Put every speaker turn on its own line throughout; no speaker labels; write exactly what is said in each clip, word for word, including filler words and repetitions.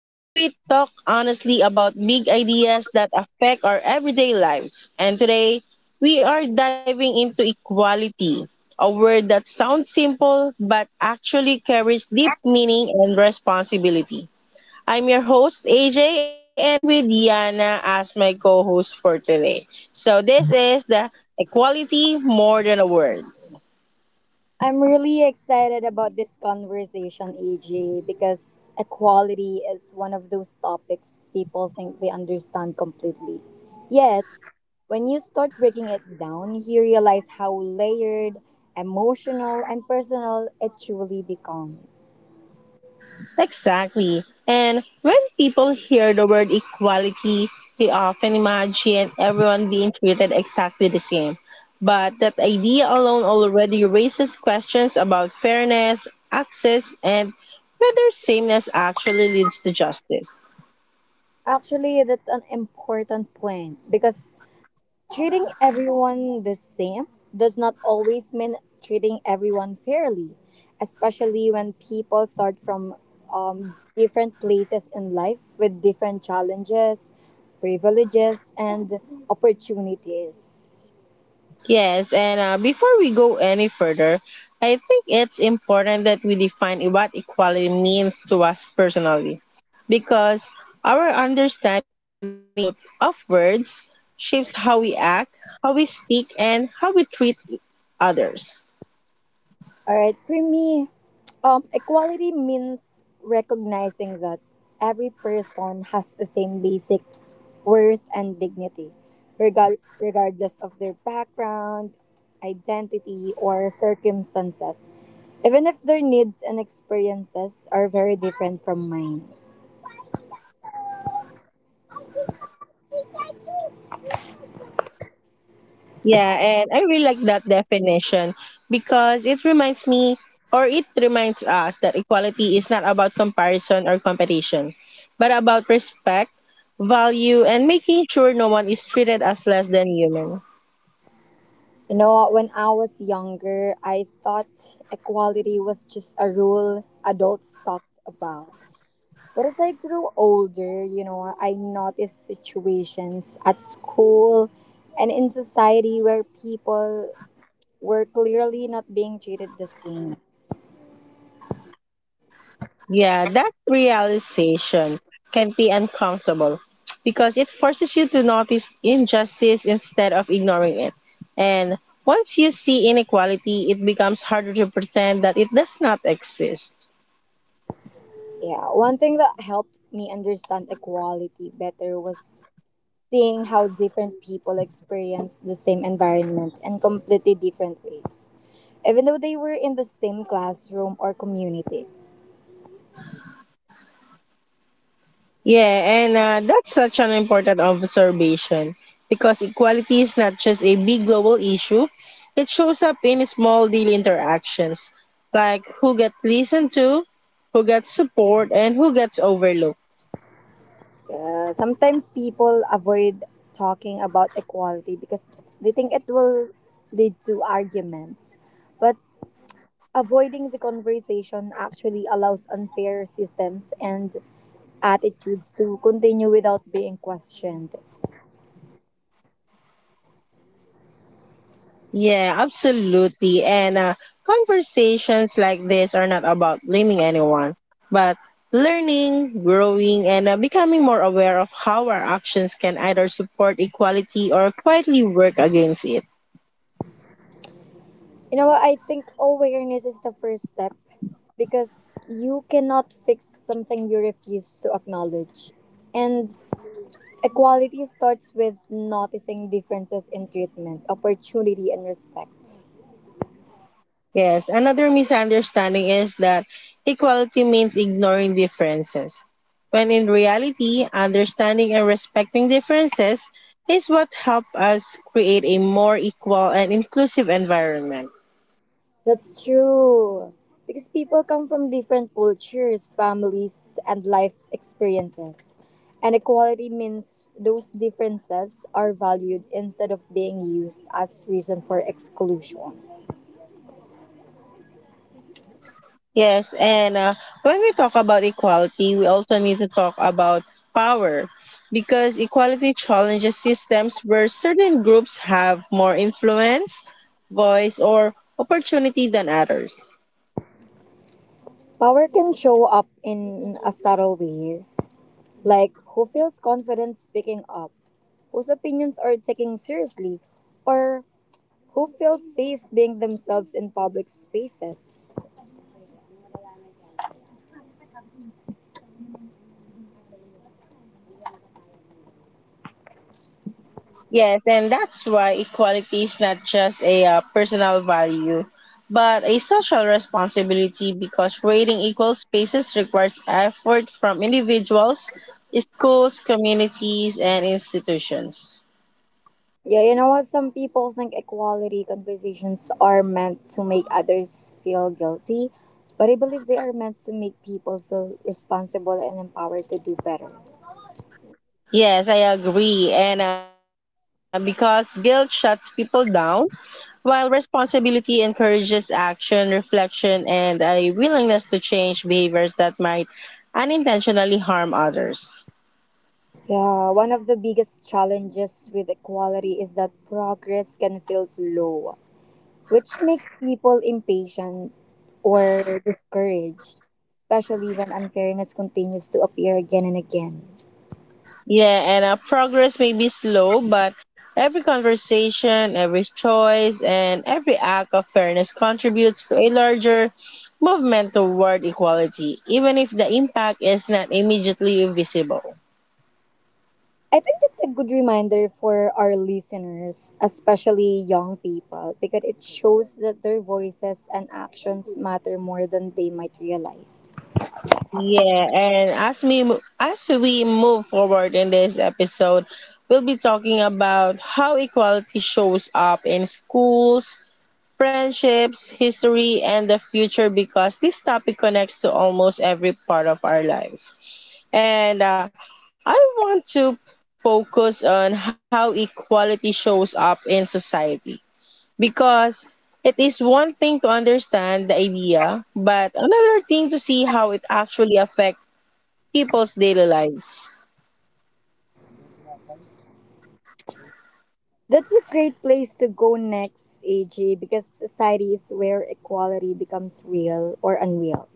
where we talk honestly about big ideas that affect our everyday lives. And today, we are diving into equality, a word that sounds simple but actually carries deep meaning and responsibility. I'm your host, A J, and I'm with Yana as my co host for today. So, this is the Equality More Than a Word.
I'm really excited about this conversation, A J, because equality is one of those topics people think they understand completely. Yet, when you start breaking it down, you realize how layered, emotional, and personal it truly becomes.
Exactly. And when people hear the word equality, they often imagine everyone being treated exactly the same. But that idea alone already raises questions about fairness, access, and whether sameness actually leads to justice.
Actually, that's an important point because treating everyone the same does not always mean treating everyone fairly, especially when people start from um, different places in life with different challenges, privileges, and opportunities.
Yes, and uh, before we go any further, I think it's important that we define what equality means to us personally, because our understanding of, of words shapes how we act, how we speak, and how we treat others.
All right, for me, um, equality means recognizing that every person has the same basic worth and dignity, regal- regardless of their background, identity, or circumstances, even if their needs and experiences are very different from mine.
Yeah, and I really like that definition because it reminds me or it reminds us that equality is not about comparison or competition, but about respect, value, and making sure no one is treated as less than human.
You know what, when I was younger, I thought equality was just a rule adults talked about. But as I grew older, you know, I noticed situations at school and in society where people were clearly not being treated the same.
Yeah, that realization can be uncomfortable because it forces you to notice injustice instead of ignoring it. And once you see inequality, it becomes harder to pretend that it does not exist.
Yeah, one thing that helped me understand equality better was seeing how different people experience the same environment in completely different ways, even though they were in the same classroom or community.
Yeah, and uh, that's such an important observation because equality is not just a big global issue, it shows up in small daily interactions like who gets listened to, who gets support, and who gets overlooked.
Yeah, sometimes people avoid talking about equality because they think it will lead to arguments. But avoiding the conversation actually allows unfair systems and attitudes to continue without being questioned.
Yeah, absolutely. And uh, conversations like this are not about blaming anyone, but learning, growing, and uh, becoming more aware of how our actions can either support equality or quietly work against it.
You know what? I think awareness is the first step because you cannot fix something you refuse to acknowledge. And equality starts with noticing differences in treatment, opportunity, and respect.
Yes, another misunderstanding is that equality means ignoring differences, when in reality, understanding and respecting differences is what help us create a more equal and inclusive environment.
That's true. Because people come from different cultures, families, and life experiences. And equality means those differences are valued instead of being used as reason for exclusion.
Yes, and uh, when we talk about equality, we also need to talk about power because equality challenges systems where certain groups have more influence, voice, or opportunity than others.
Power can show up in a subtle ways, like who feels confident speaking up, whose opinions are taken seriously, or who feel safe being themselves in public spaces.
Yes, and that's why equality is not just a uh, personal value, but a social responsibility because creating equal spaces requires effort from individuals, schools, communities, and institutions.
Yeah, you know what? Some people think equality conversations are meant to make others feel guilty, but I believe they are meant to make people feel responsible and empowered to do better.
Yes, I agree. And uh, because guilt shuts people down, while responsibility encourages action, reflection, and a willingness to change behaviors that might unintentionally harm others.
Yeah, one of the biggest challenges with equality is that progress can feel slow, which makes people impatient or discouraged, especially when unfairness continues to appear again and again.
Yeah, and uh, progress may be slow, but every conversation, every choice, and every act of fairness contributes to a larger movement toward equality, even if the impact is not immediately visible.
I think that's a good reminder for our listeners, especially young people, because it shows that their voices and actions matter more than they might realize.
Yeah, and as we mo- as we move forward in this episode, we'll be talking about how equality shows up in schools, friendships, history, and the future because this topic connects to almost every part of our lives. And uh, I want to focus on how equality shows up in society because it is one thing to understand the idea, but another thing to see how it actually affects people's daily lives.
That's a great place to go next, Aj, because society is where equality becomes real or unreal,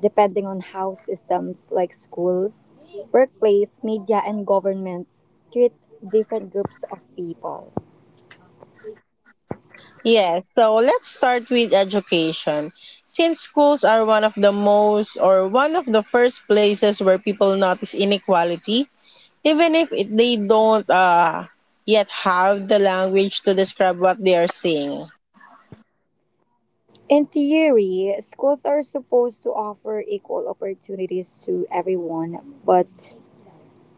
depending on how systems like schools, workplace, media, and governments treat different groups of people.
Yes, so let's start with education. Since schools are one of the most or one of the first places where people notice inequality, even if it, they don't uh, yet have the language to describe what they are seeing.
In theory, schools are supposed to offer equal opportunities to everyone, but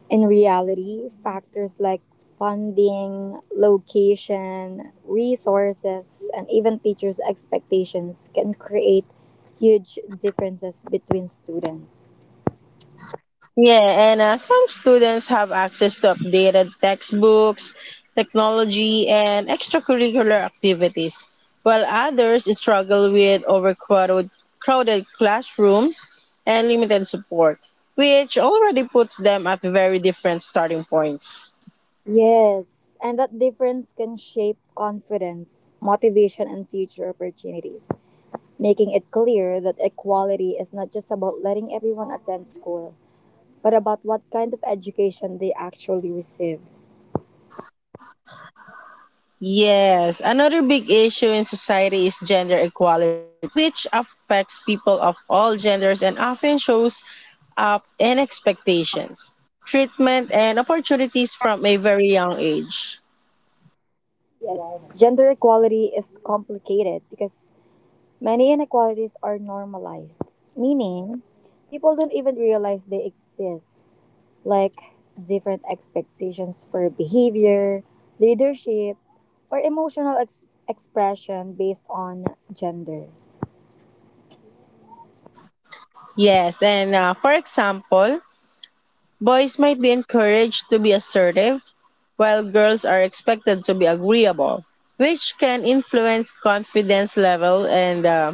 in reality, factors like funding, location, resources, and even teachers' expectations can create huge differences between students.
Yeah, and uh, some students have access to updated textbooks, technology, and extracurricular activities, while others struggle with overcrowded crowded classrooms and limited support, which already puts them at very different starting points.
Yes, and that difference can shape confidence, motivation, and future opportunities, making it clear that equality is not just about letting everyone attend school but about what kind of education they actually receive.
Yes, another big issue in society is gender equality, which affects people of all genders and often shows up in expectations, treatment, and opportunities from a very young age.
Yes, gender equality is complicated because many inequalities are normalized, meaning people don't even realize they exist, like different expectations for behavior, leadership, or emotional ex- expression based on gender.
Yes, and uh, for example, boys might be encouraged to be assertive, while girls are expected to be agreeable, which can influence confidence level and uh,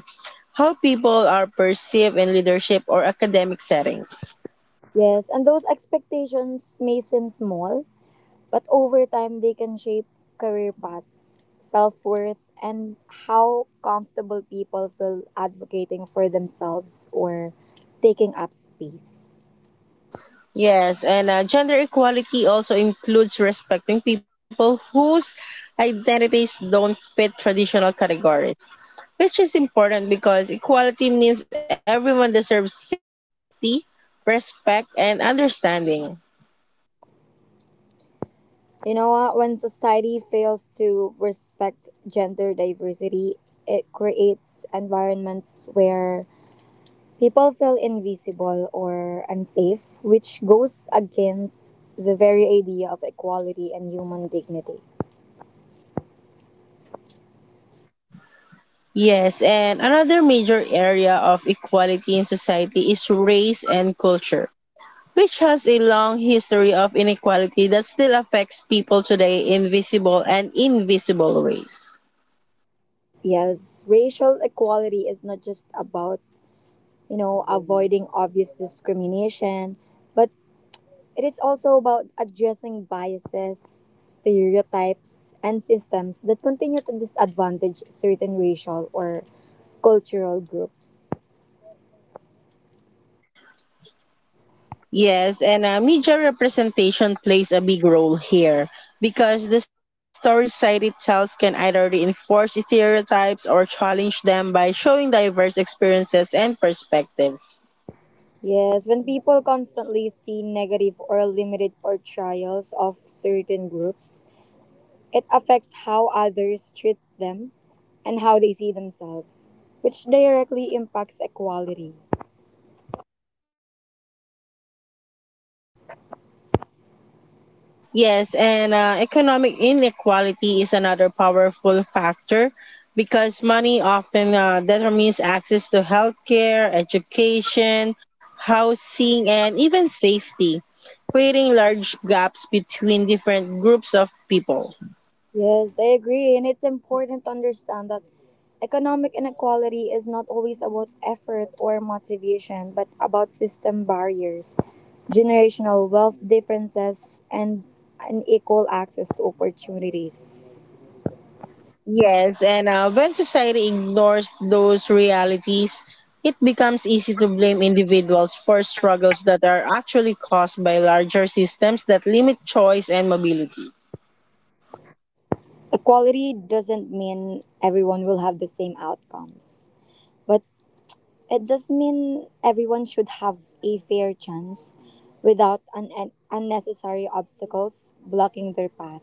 how people are perceived in leadership or academic settings.
Yes, and those expectations may seem small, but over time they can shape career paths, self worth, and how comfortable people feel advocating for themselves or taking up space.
Yes, and uh, gender equality also includes respecting people whose identities don't fit traditional categories, which is important because equality means everyone deserves safety, respect, and understanding.
You know what? When society fails to respect gender diversity, it creates environments where people feel invisible or unsafe, which goes against the very idea of equality and human dignity.
Yes, and another major area of equality in society is race and culture, which has a long history of inequality that still affects people today in visible and invisible ways.
Yes, racial equality is not just about, you know, avoiding obvious discrimination, but it is also about addressing biases, stereotypes, and systems that continue to disadvantage certain racial or cultural groups.
Yes, and uh, media representation plays a big role here because the story society tells can either reinforce stereotypes or challenge them by showing diverse experiences and perspectives.
Yes, when people constantly see negative or limited portrayals of certain groups, it affects how others treat them and how they see themselves, which directly impacts equality.
Yes, and uh, economic inequality is another powerful factor because money often uh, determines access to healthcare, education, housing, and even safety creating large gaps between different groups of people.
Yes, I agree. And it's important to understand that economic inequality is not always about effort or motivation, but about system barriers, generational wealth differences, and unequal access to opportunities.
Yes, and uh, when society ignores those realities, it becomes easy to blame individuals for struggles that are actually caused by larger systems that limit choice and mobility.
Equality doesn't mean everyone will have the same outcomes, but it does mean everyone should have a fair chance without un- unnecessary obstacles blocking their path.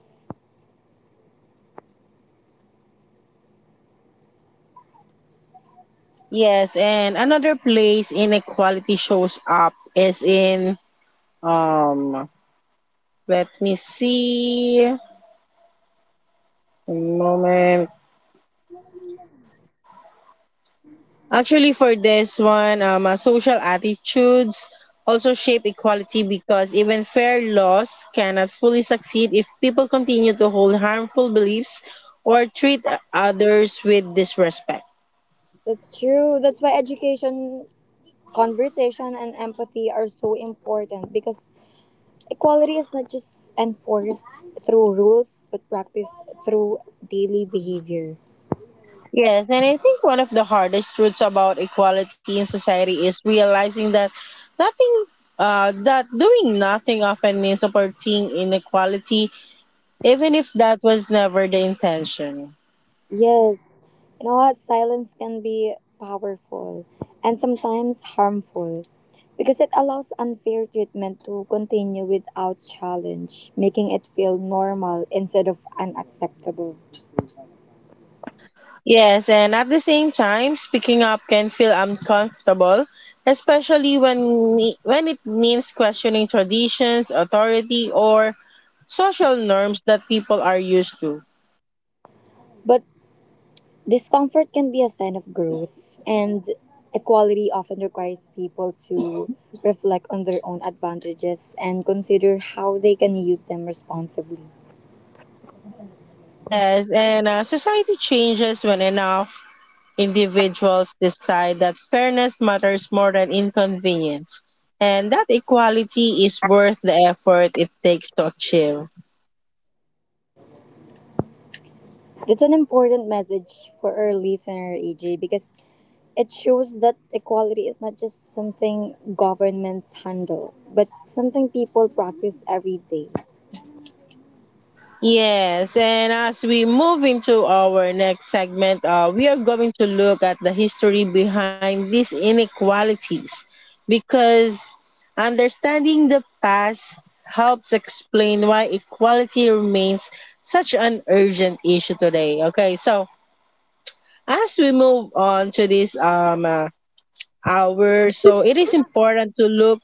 Yes, and another place inequality shows up is in um let me see a moment. Actually, for this one, um, uh, social attitudes also shape equality because even fair laws cannot fully succeed if people continue to hold harmful beliefs or treat others with disrespect.
That's true. That's why education, conversation, and empathy are so important because equality is not just enforced through rules but practiced through daily behavior.
Yes, and I think one of the hardest truths about equality in society is realizing that nothing, uh, that doing nothing often means supporting inequality, even if that was never the intention.
Yes, you know what? Silence can be powerful and sometimes harmful because it allows unfair treatment to continue without challenge, making it feel normal instead of unacceptable.
Yes, and at the same time, speaking up can feel uncomfortable, especially when ne- when it means questioning traditions, authority, or social norms that people are used to.
But discomfort can be a sign of growth, and equality often requires people to reflect on their own advantages and consider how they can use them responsibly.
Yes, and uh, society changes when enough individuals decide that fairness matters more than inconvenience, and that equality is worth the effort it takes to achieve.
That's an important message for our listener, A J, because it shows that equality is not just something governments handle, but something people practice every day.
Yes, and as we move into our next segment, uh, we are going to look at the history behind these inequalities because understanding the past helps explain why equality remains such an urgent issue today. Okay, so as we move on to this um, uh, hour, so it is important to look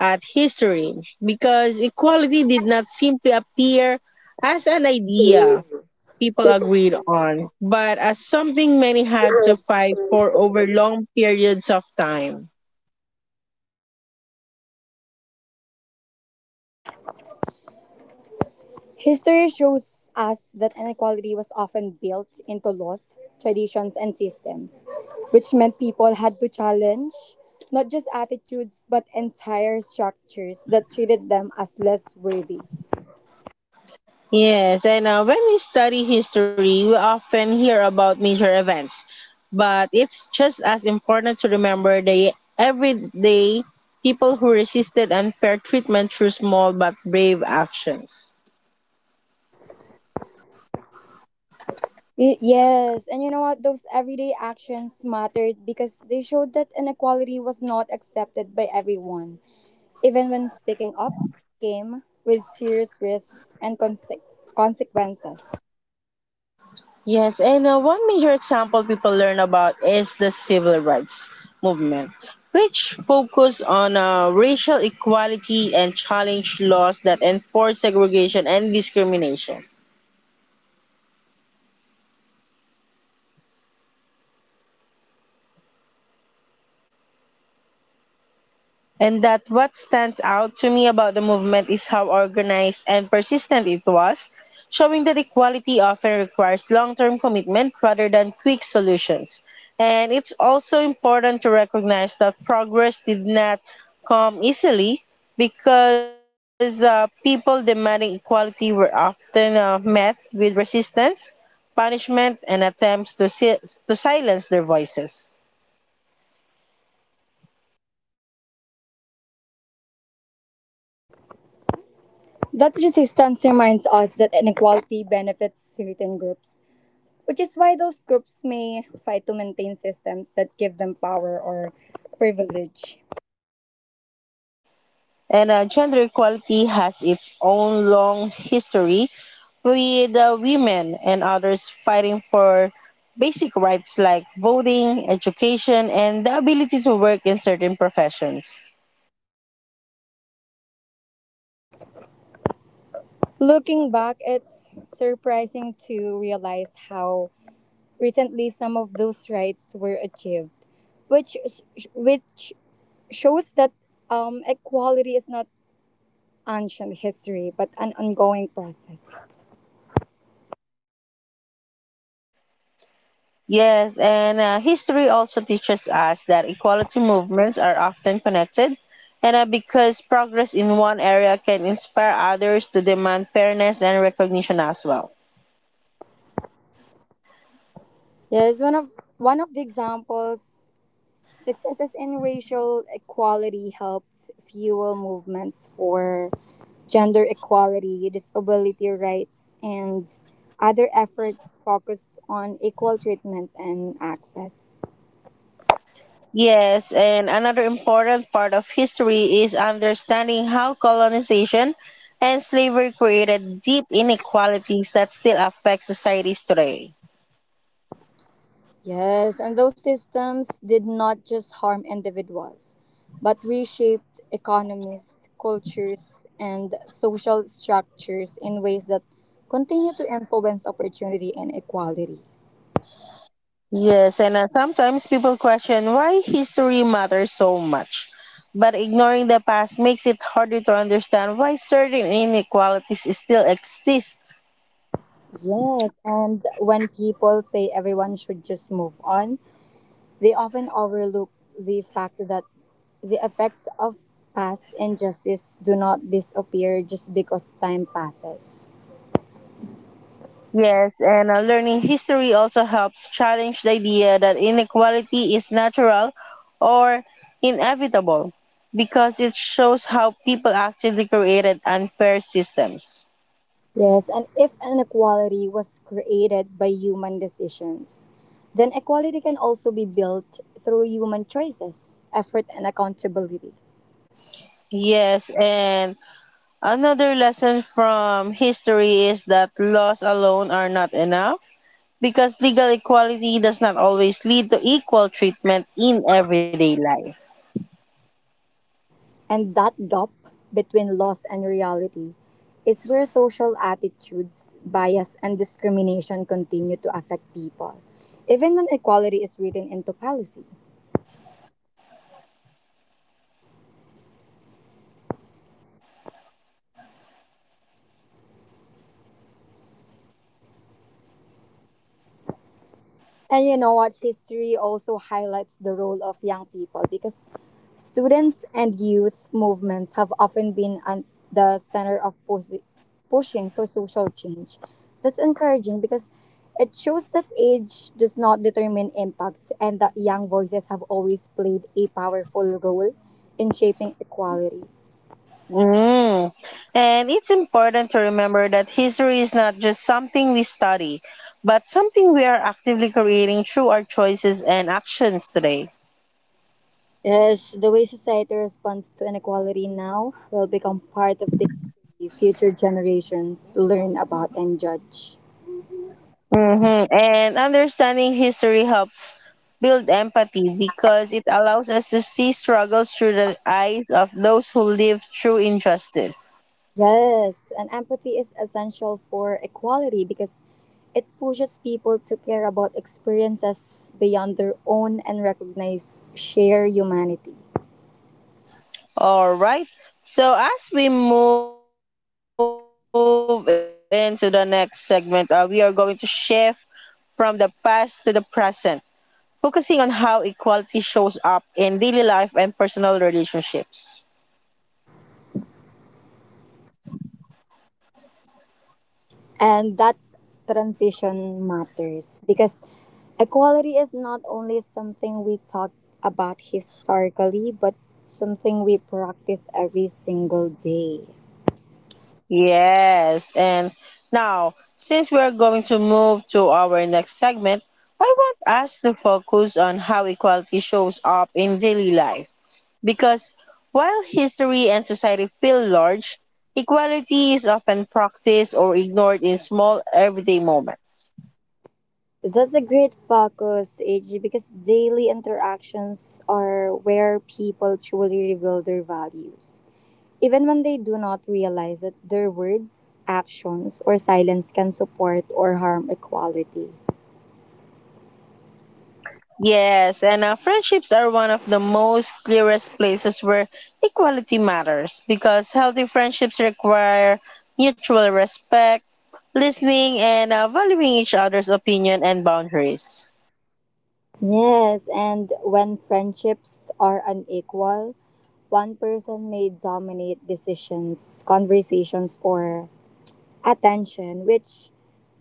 at history because equality did not simply appear as an idea people agreed on, but as something many had to fight for over long periods of time.
History shows us that inequality was often built into laws, traditions, and systems, which meant people had to challenge not just attitudes but entire structures that treated them as less worthy.
Yes, and uh, when we study history, we often hear about major events, but it's just as important to remember the everyday people who resisted unfair treatment through small but brave actions.
Y- yes, and you know what? Those everyday actions mattered because they showed that inequality was not accepted by everyone, even when speaking up came with serious risks and conse- consequences.
Yes, and uh, one major example people learn about is the civil rights movement, which focus on uh, racial equality and challenge laws that enforce segregation and discrimination. And that what stands out to me about the movement is how organized and persistent it was, showing that equality often requires long term commitment rather than quick solutions. And it's also important to recognize that progress did not come easily because uh, people demanding equality were often uh, met with resistance, punishment, and attempts to, si- to silence their voices.
That resistance reminds us that inequality benefits certain groups, which is why those groups may fight to maintain systems that give them power or privilege.
And uh, gender equality has its own long history with uh, women and others fighting for basic rights like voting, education, and the ability to work in certain professions.
Looking back, it's surprising to realize how recently some of those rights were achieved, which which shows that um, equality is not ancient history but an ongoing process.
Yes, and uh, history also teaches us that equality movements are often connected, and uh, because progress in one area can inspire others to demand fairness and recognition as well.
Yes, one of one of the examples. Successes in racial equality helped fuel movements for gender equality, disability rights, and other efforts focused on equal treatment and access.
Yes, and another important part of history is understanding how colonization and slavery created deep inequalities that still affect societies today.
Yes, and those systems did not just harm individuals, but reshaped economies, cultures, and social structures in ways that continue to influence opportunity and equality.
Yes, and uh, sometimes people question why history matters so much. But ignoring the past makes it harder to understand why certain inequalities still exist.
Yes, and when people say everyone should just move on, they often overlook the fact that the effects of past injustice do not disappear just because time passes.
Yes, and uh, learning history also helps challenge the idea that inequality is natural or inevitable because it shows how people actually created unfair systems.
Yes, and if inequality was created by human decisions, then equality can also be built through human choices, effort, and accountability.
Yes, and another lesson from history is that laws alone are not enough because legal equality does not always lead to equal treatment in everyday life.
And that gap between loss and reality is where social attitudes, bias, and discrimination continue to affect people, even when equality is written into policy. And you know what? History also highlights the role of young people because students and youth movements have often been at the center of pos- pushing for social change. That's encouraging because it shows that age does not determine impact and that young voices have always played a powerful role in shaping equality.
Mm. And it's important to remember that history is not just something we study, but something we are actively creating through our choices and actions today.
Yes, the way society responds to inequality now will become part of the history future generations learn about and judge.
Hmm. And understanding history helps build empathy because it allows us to see struggles through the eyes of those who live through injustice.
Yes, and empathy is essential for equality because it pushes people to care about experiences beyond their own and recognize shared humanity.
All right. So, as we move into the next segment, uh, we are going to shift from the past to the present focusing on how equality shows up in daily life and personal relationships.
And that transition matters because equality is not only something we talk about historically, but something we practice every single day.
Yes, and now, since we are going to move to our next segment, I want us to focus on how equality shows up in daily life. Because while history and society feel large, equality is often practiced or ignored in small everyday moments.
That's a great focus, A G, because daily interactions are where people truly reveal their values. Even when they do not realize that their words, actions, or silence can support or harm equality.
Yes, and uh, friendships are one of the most clearest places where equality matters because healthy friendships require mutual respect, listening, and uh, valuing each other's opinion and boundaries.
Yes, and when friendships are unequal, one person may dominate decisions, conversations, or attention, which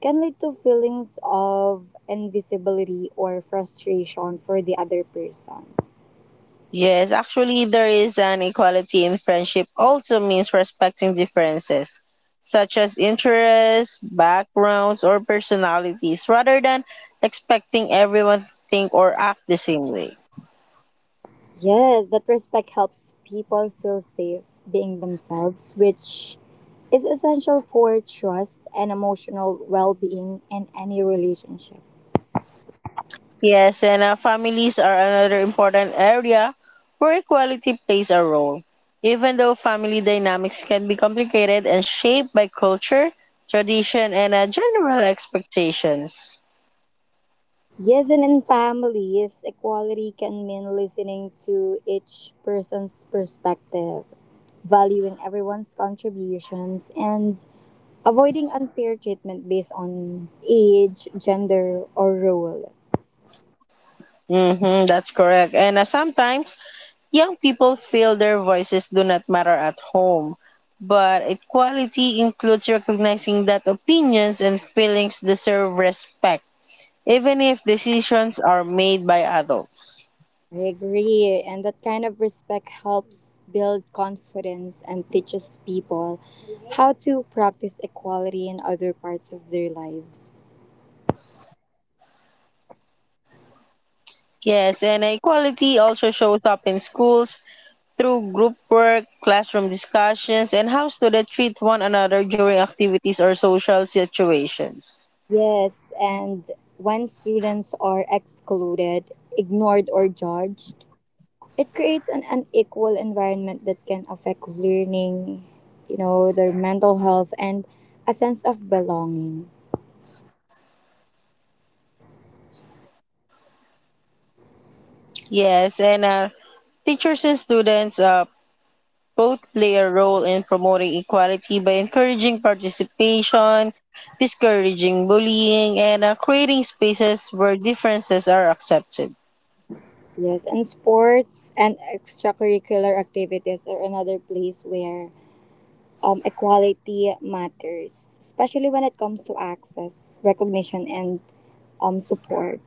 can lead to feelings of invisibility or frustration for the other person.
Yes, actually, there is an equality in friendship, also means respecting differences, such as interests, backgrounds, or personalities, rather than expecting everyone to think or act the same way.
Yes, that respect helps people feel safe being themselves, which is essential for trust and emotional well being in any relationship.
Yes, and uh, families are another important area where equality plays a role. Even though family dynamics can be complicated and shaped by culture, tradition, and uh, general expectations.
Yes, and in families, equality can mean listening to each person's perspective, valuing everyone's contributions, and avoiding unfair treatment based on age, gender, or role.
Mm-hmm, that's correct. And uh, sometimes young people feel their voices do not matter at home. But equality includes recognizing that opinions and feelings deserve respect, even if decisions are made by adults.
I agree, and that kind of respect helps build confidence and teaches people how to practice equality in other parts of their lives.
Yes, and equality also shows up in schools through group work, classroom discussions, and how students treat one another during activities or social situations.
Yes, and when students are excluded, ignored, or judged, it creates an unequal environment that can affect learning, you know, their mental health and a sense of belonging.
Yes, and uh, teachers and students uh, both play a role in promoting equality by encouraging participation, discouraging bullying, and uh, creating spaces where differences are accepted.
Yes, and sports and extracurricular activities are another place where um, equality matters, especially when it comes to access, recognition, and um, support.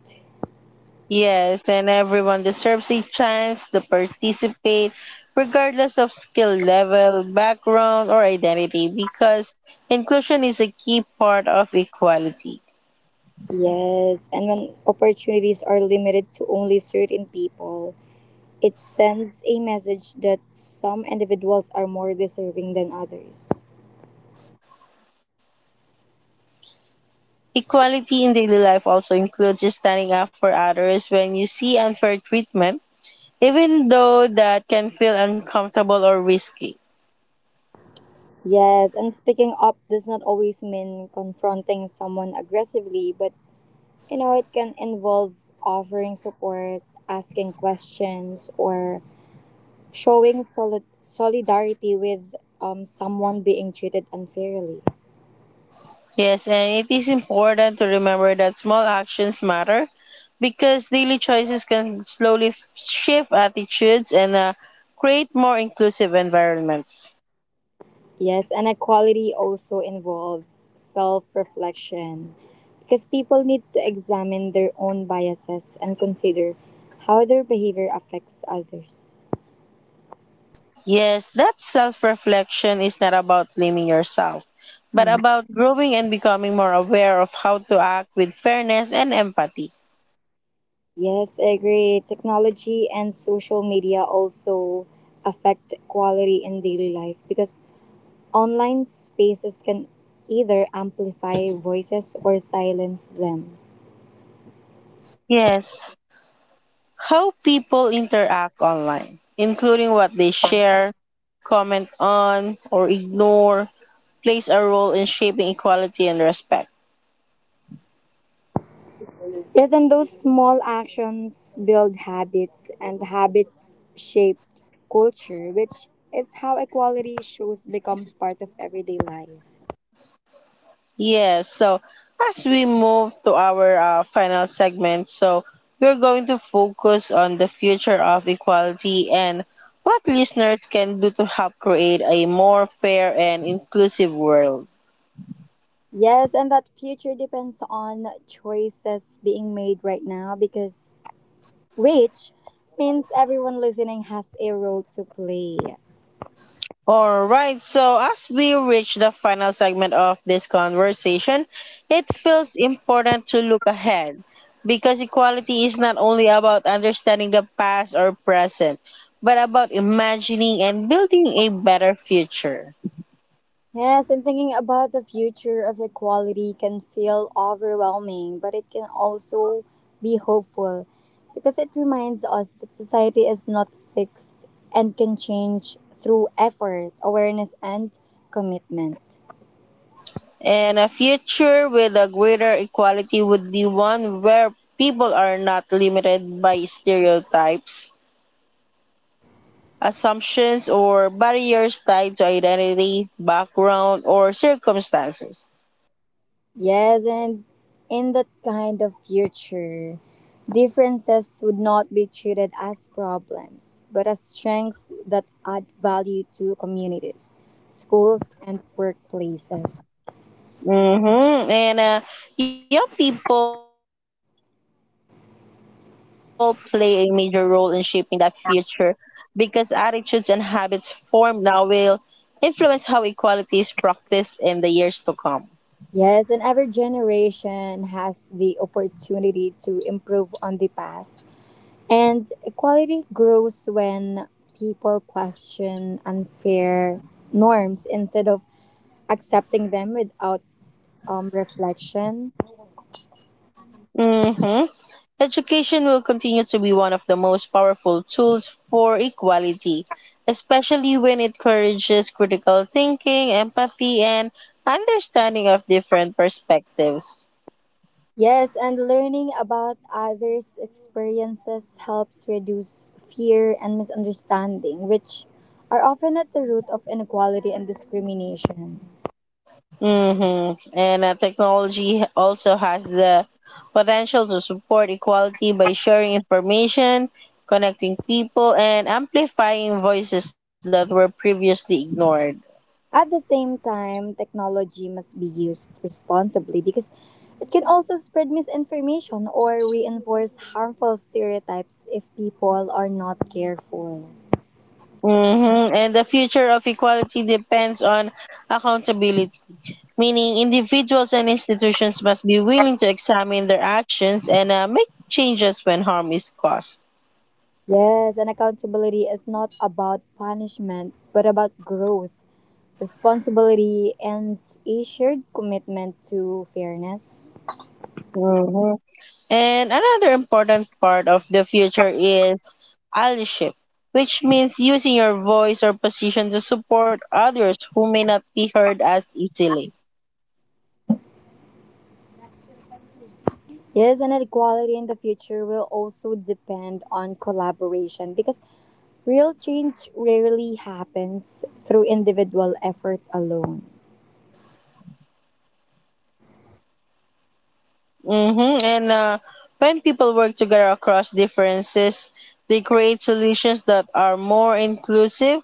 Yes, and everyone deserves a chance to participate, regardless of skill level, background, or identity, because inclusion is a key part of equality.
Yes, and when opportunities are limited to only certain people, it sends a message that some individuals are more deserving than others.
Equality in daily life also includes standing up for others when you see unfair treatment, even though that can feel uncomfortable or risky.
Yes, and speaking up does not always mean confronting someone aggressively, but you know, it can involve offering support, asking questions, or showing solid- solidarity with um, someone being treated unfairly.
Yes, and it is important to remember that small actions matter because daily choices can slowly f- shift attitudes and uh, create more inclusive environments.
Yes, and equality also involves self reflection because people need to examine their own biases and consider how their behavior affects others.
Yes, that self reflection is not about blaming yourself, but about growing and becoming more aware of how to act with fairness and empathy.
Yes, I agree. Technology and social media also affect equality in daily life because online spaces can either amplify voices or silence them.
Yes, how people interact online, including what they share, comment on, or ignore, plays a role in shaping equality and respect.
Yes, and those small actions build habits, and habits shape culture, which is how equality shows becomes part of everyday life.
Yes, so as we move to our uh, final segment, so we're going to focus on the future of equality and what listeners can do to help create a more fair and inclusive world.
Yes, and that future depends on choices being made right now because which means everyone listening has a role to play.
All right, so as we reach the final segment of this conversation, it feels important to look ahead because equality is not only about understanding the past or present, but about imagining and building a better future.
Yes, and thinking about the future of equality can feel overwhelming, but it can also be hopeful because it reminds us that society is not fixed and can change through effort, awareness, and commitment.
And a future with a greater equality would be one where people are not limited by stereotypes, assumptions, or barriers tied to identity, background, or circumstances.
Yes, and in that kind of future, differences would not be treated as problems, but as strengths that add value to communities, schools, and workplaces.
Mm-hmm. And uh, young people play a major role in shaping that future because attitudes and habits formed now will influence how equality is practiced in the years to come.
Yes, and every generation has the opportunity to improve on the past. And equality grows when people question unfair norms instead of accepting them without um, reflection.
Mm-hmm. Education will continue to be one of the most powerful tools for equality, especially when it encourages critical thinking, empathy, and understanding of different perspectives.
Yes, and learning about others' experiences helps reduce fear and misunderstanding, which are often at the root of inequality and discrimination.
Mm-hmm. And uh, technology also has the potential to support equality by sharing information, connecting people, and amplifying voices that were previously ignored.
At the same time, technology must be used responsibly because it can also spread misinformation or reinforce harmful stereotypes if people are not careful.
Mm-hmm. And the future of equality depends on accountability, meaning individuals and institutions must be willing to examine their actions and uh, make changes when harm is caused.
Yes, and accountability is not about punishment, but about growth, responsibility, and a shared commitment to fairness.
Mm-hmm. And another important part of the future is allyship, which means using your voice or position to support others who may not be heard as easily.
Yes, and equality in the future will also depend on collaboration because real change rarely happens through individual effort alone.
Mm-hmm. And uh, when people work together across differences, they create solutions that are more inclusive,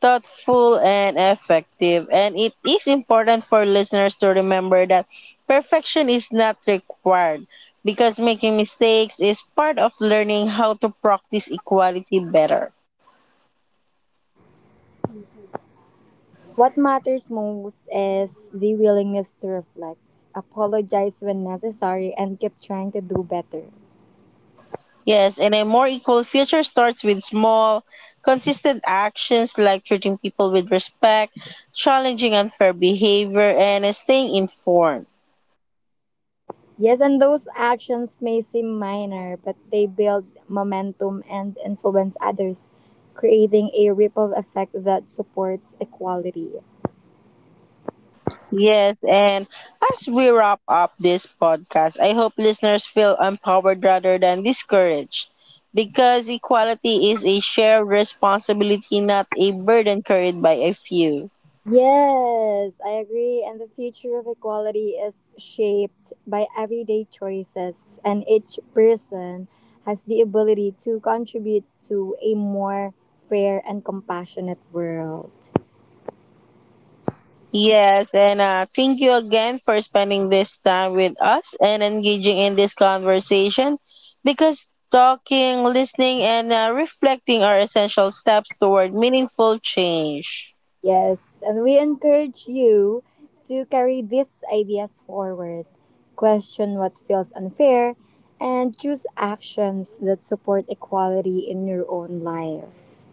thoughtful, and effective. And it is important for listeners to remember that perfection is not required because making mistakes is part of learning how to practice equality better.
What matters most is the willingness to reflect, apologize when necessary, and keep trying to do better.
Yes, and a more equal future starts with small, consistent actions like treating people with respect, challenging unfair behavior, and staying informed.
Yes, and those actions may seem minor, but they build momentum and influence others, creating a ripple effect that supports equality.
Yes, and as we wrap up this podcast, I hope listeners feel empowered rather than discouraged because equality is a shared responsibility, not a burden carried by a few.
Yes, I agree. And the future of equality is shaped by everyday choices, and each person has the ability to contribute to a more fair and compassionate world.
Yes, and uh, thank you again for spending this time with us and engaging in this conversation because talking, listening, and uh, reflecting are essential steps toward meaningful change.
Yes, and we encourage you to carry these ideas forward, question what feels unfair, and choose actions that support equality in your own life.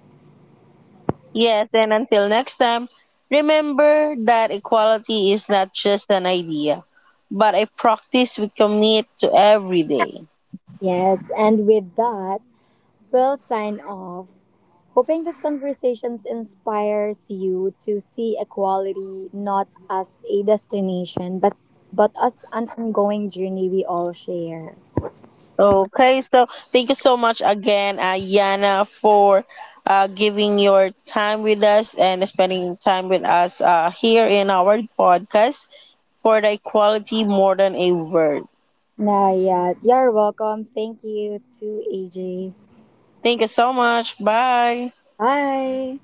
Yes, and until next time, remember that equality is not just an idea, but a practice we commit to every day.
Yes, and with that, we'll sign off hoping these conversations inspires you to see equality not as a destination, but but as an ongoing journey we all share.
Okay, so thank you so much again, uh, Yana, for uh, giving your time with us and spending time with us uh, here in our podcast for the equality more than a word.
Nah, yeah, you're welcome. Thank you to A J.
Thank you so much. Bye.
Bye.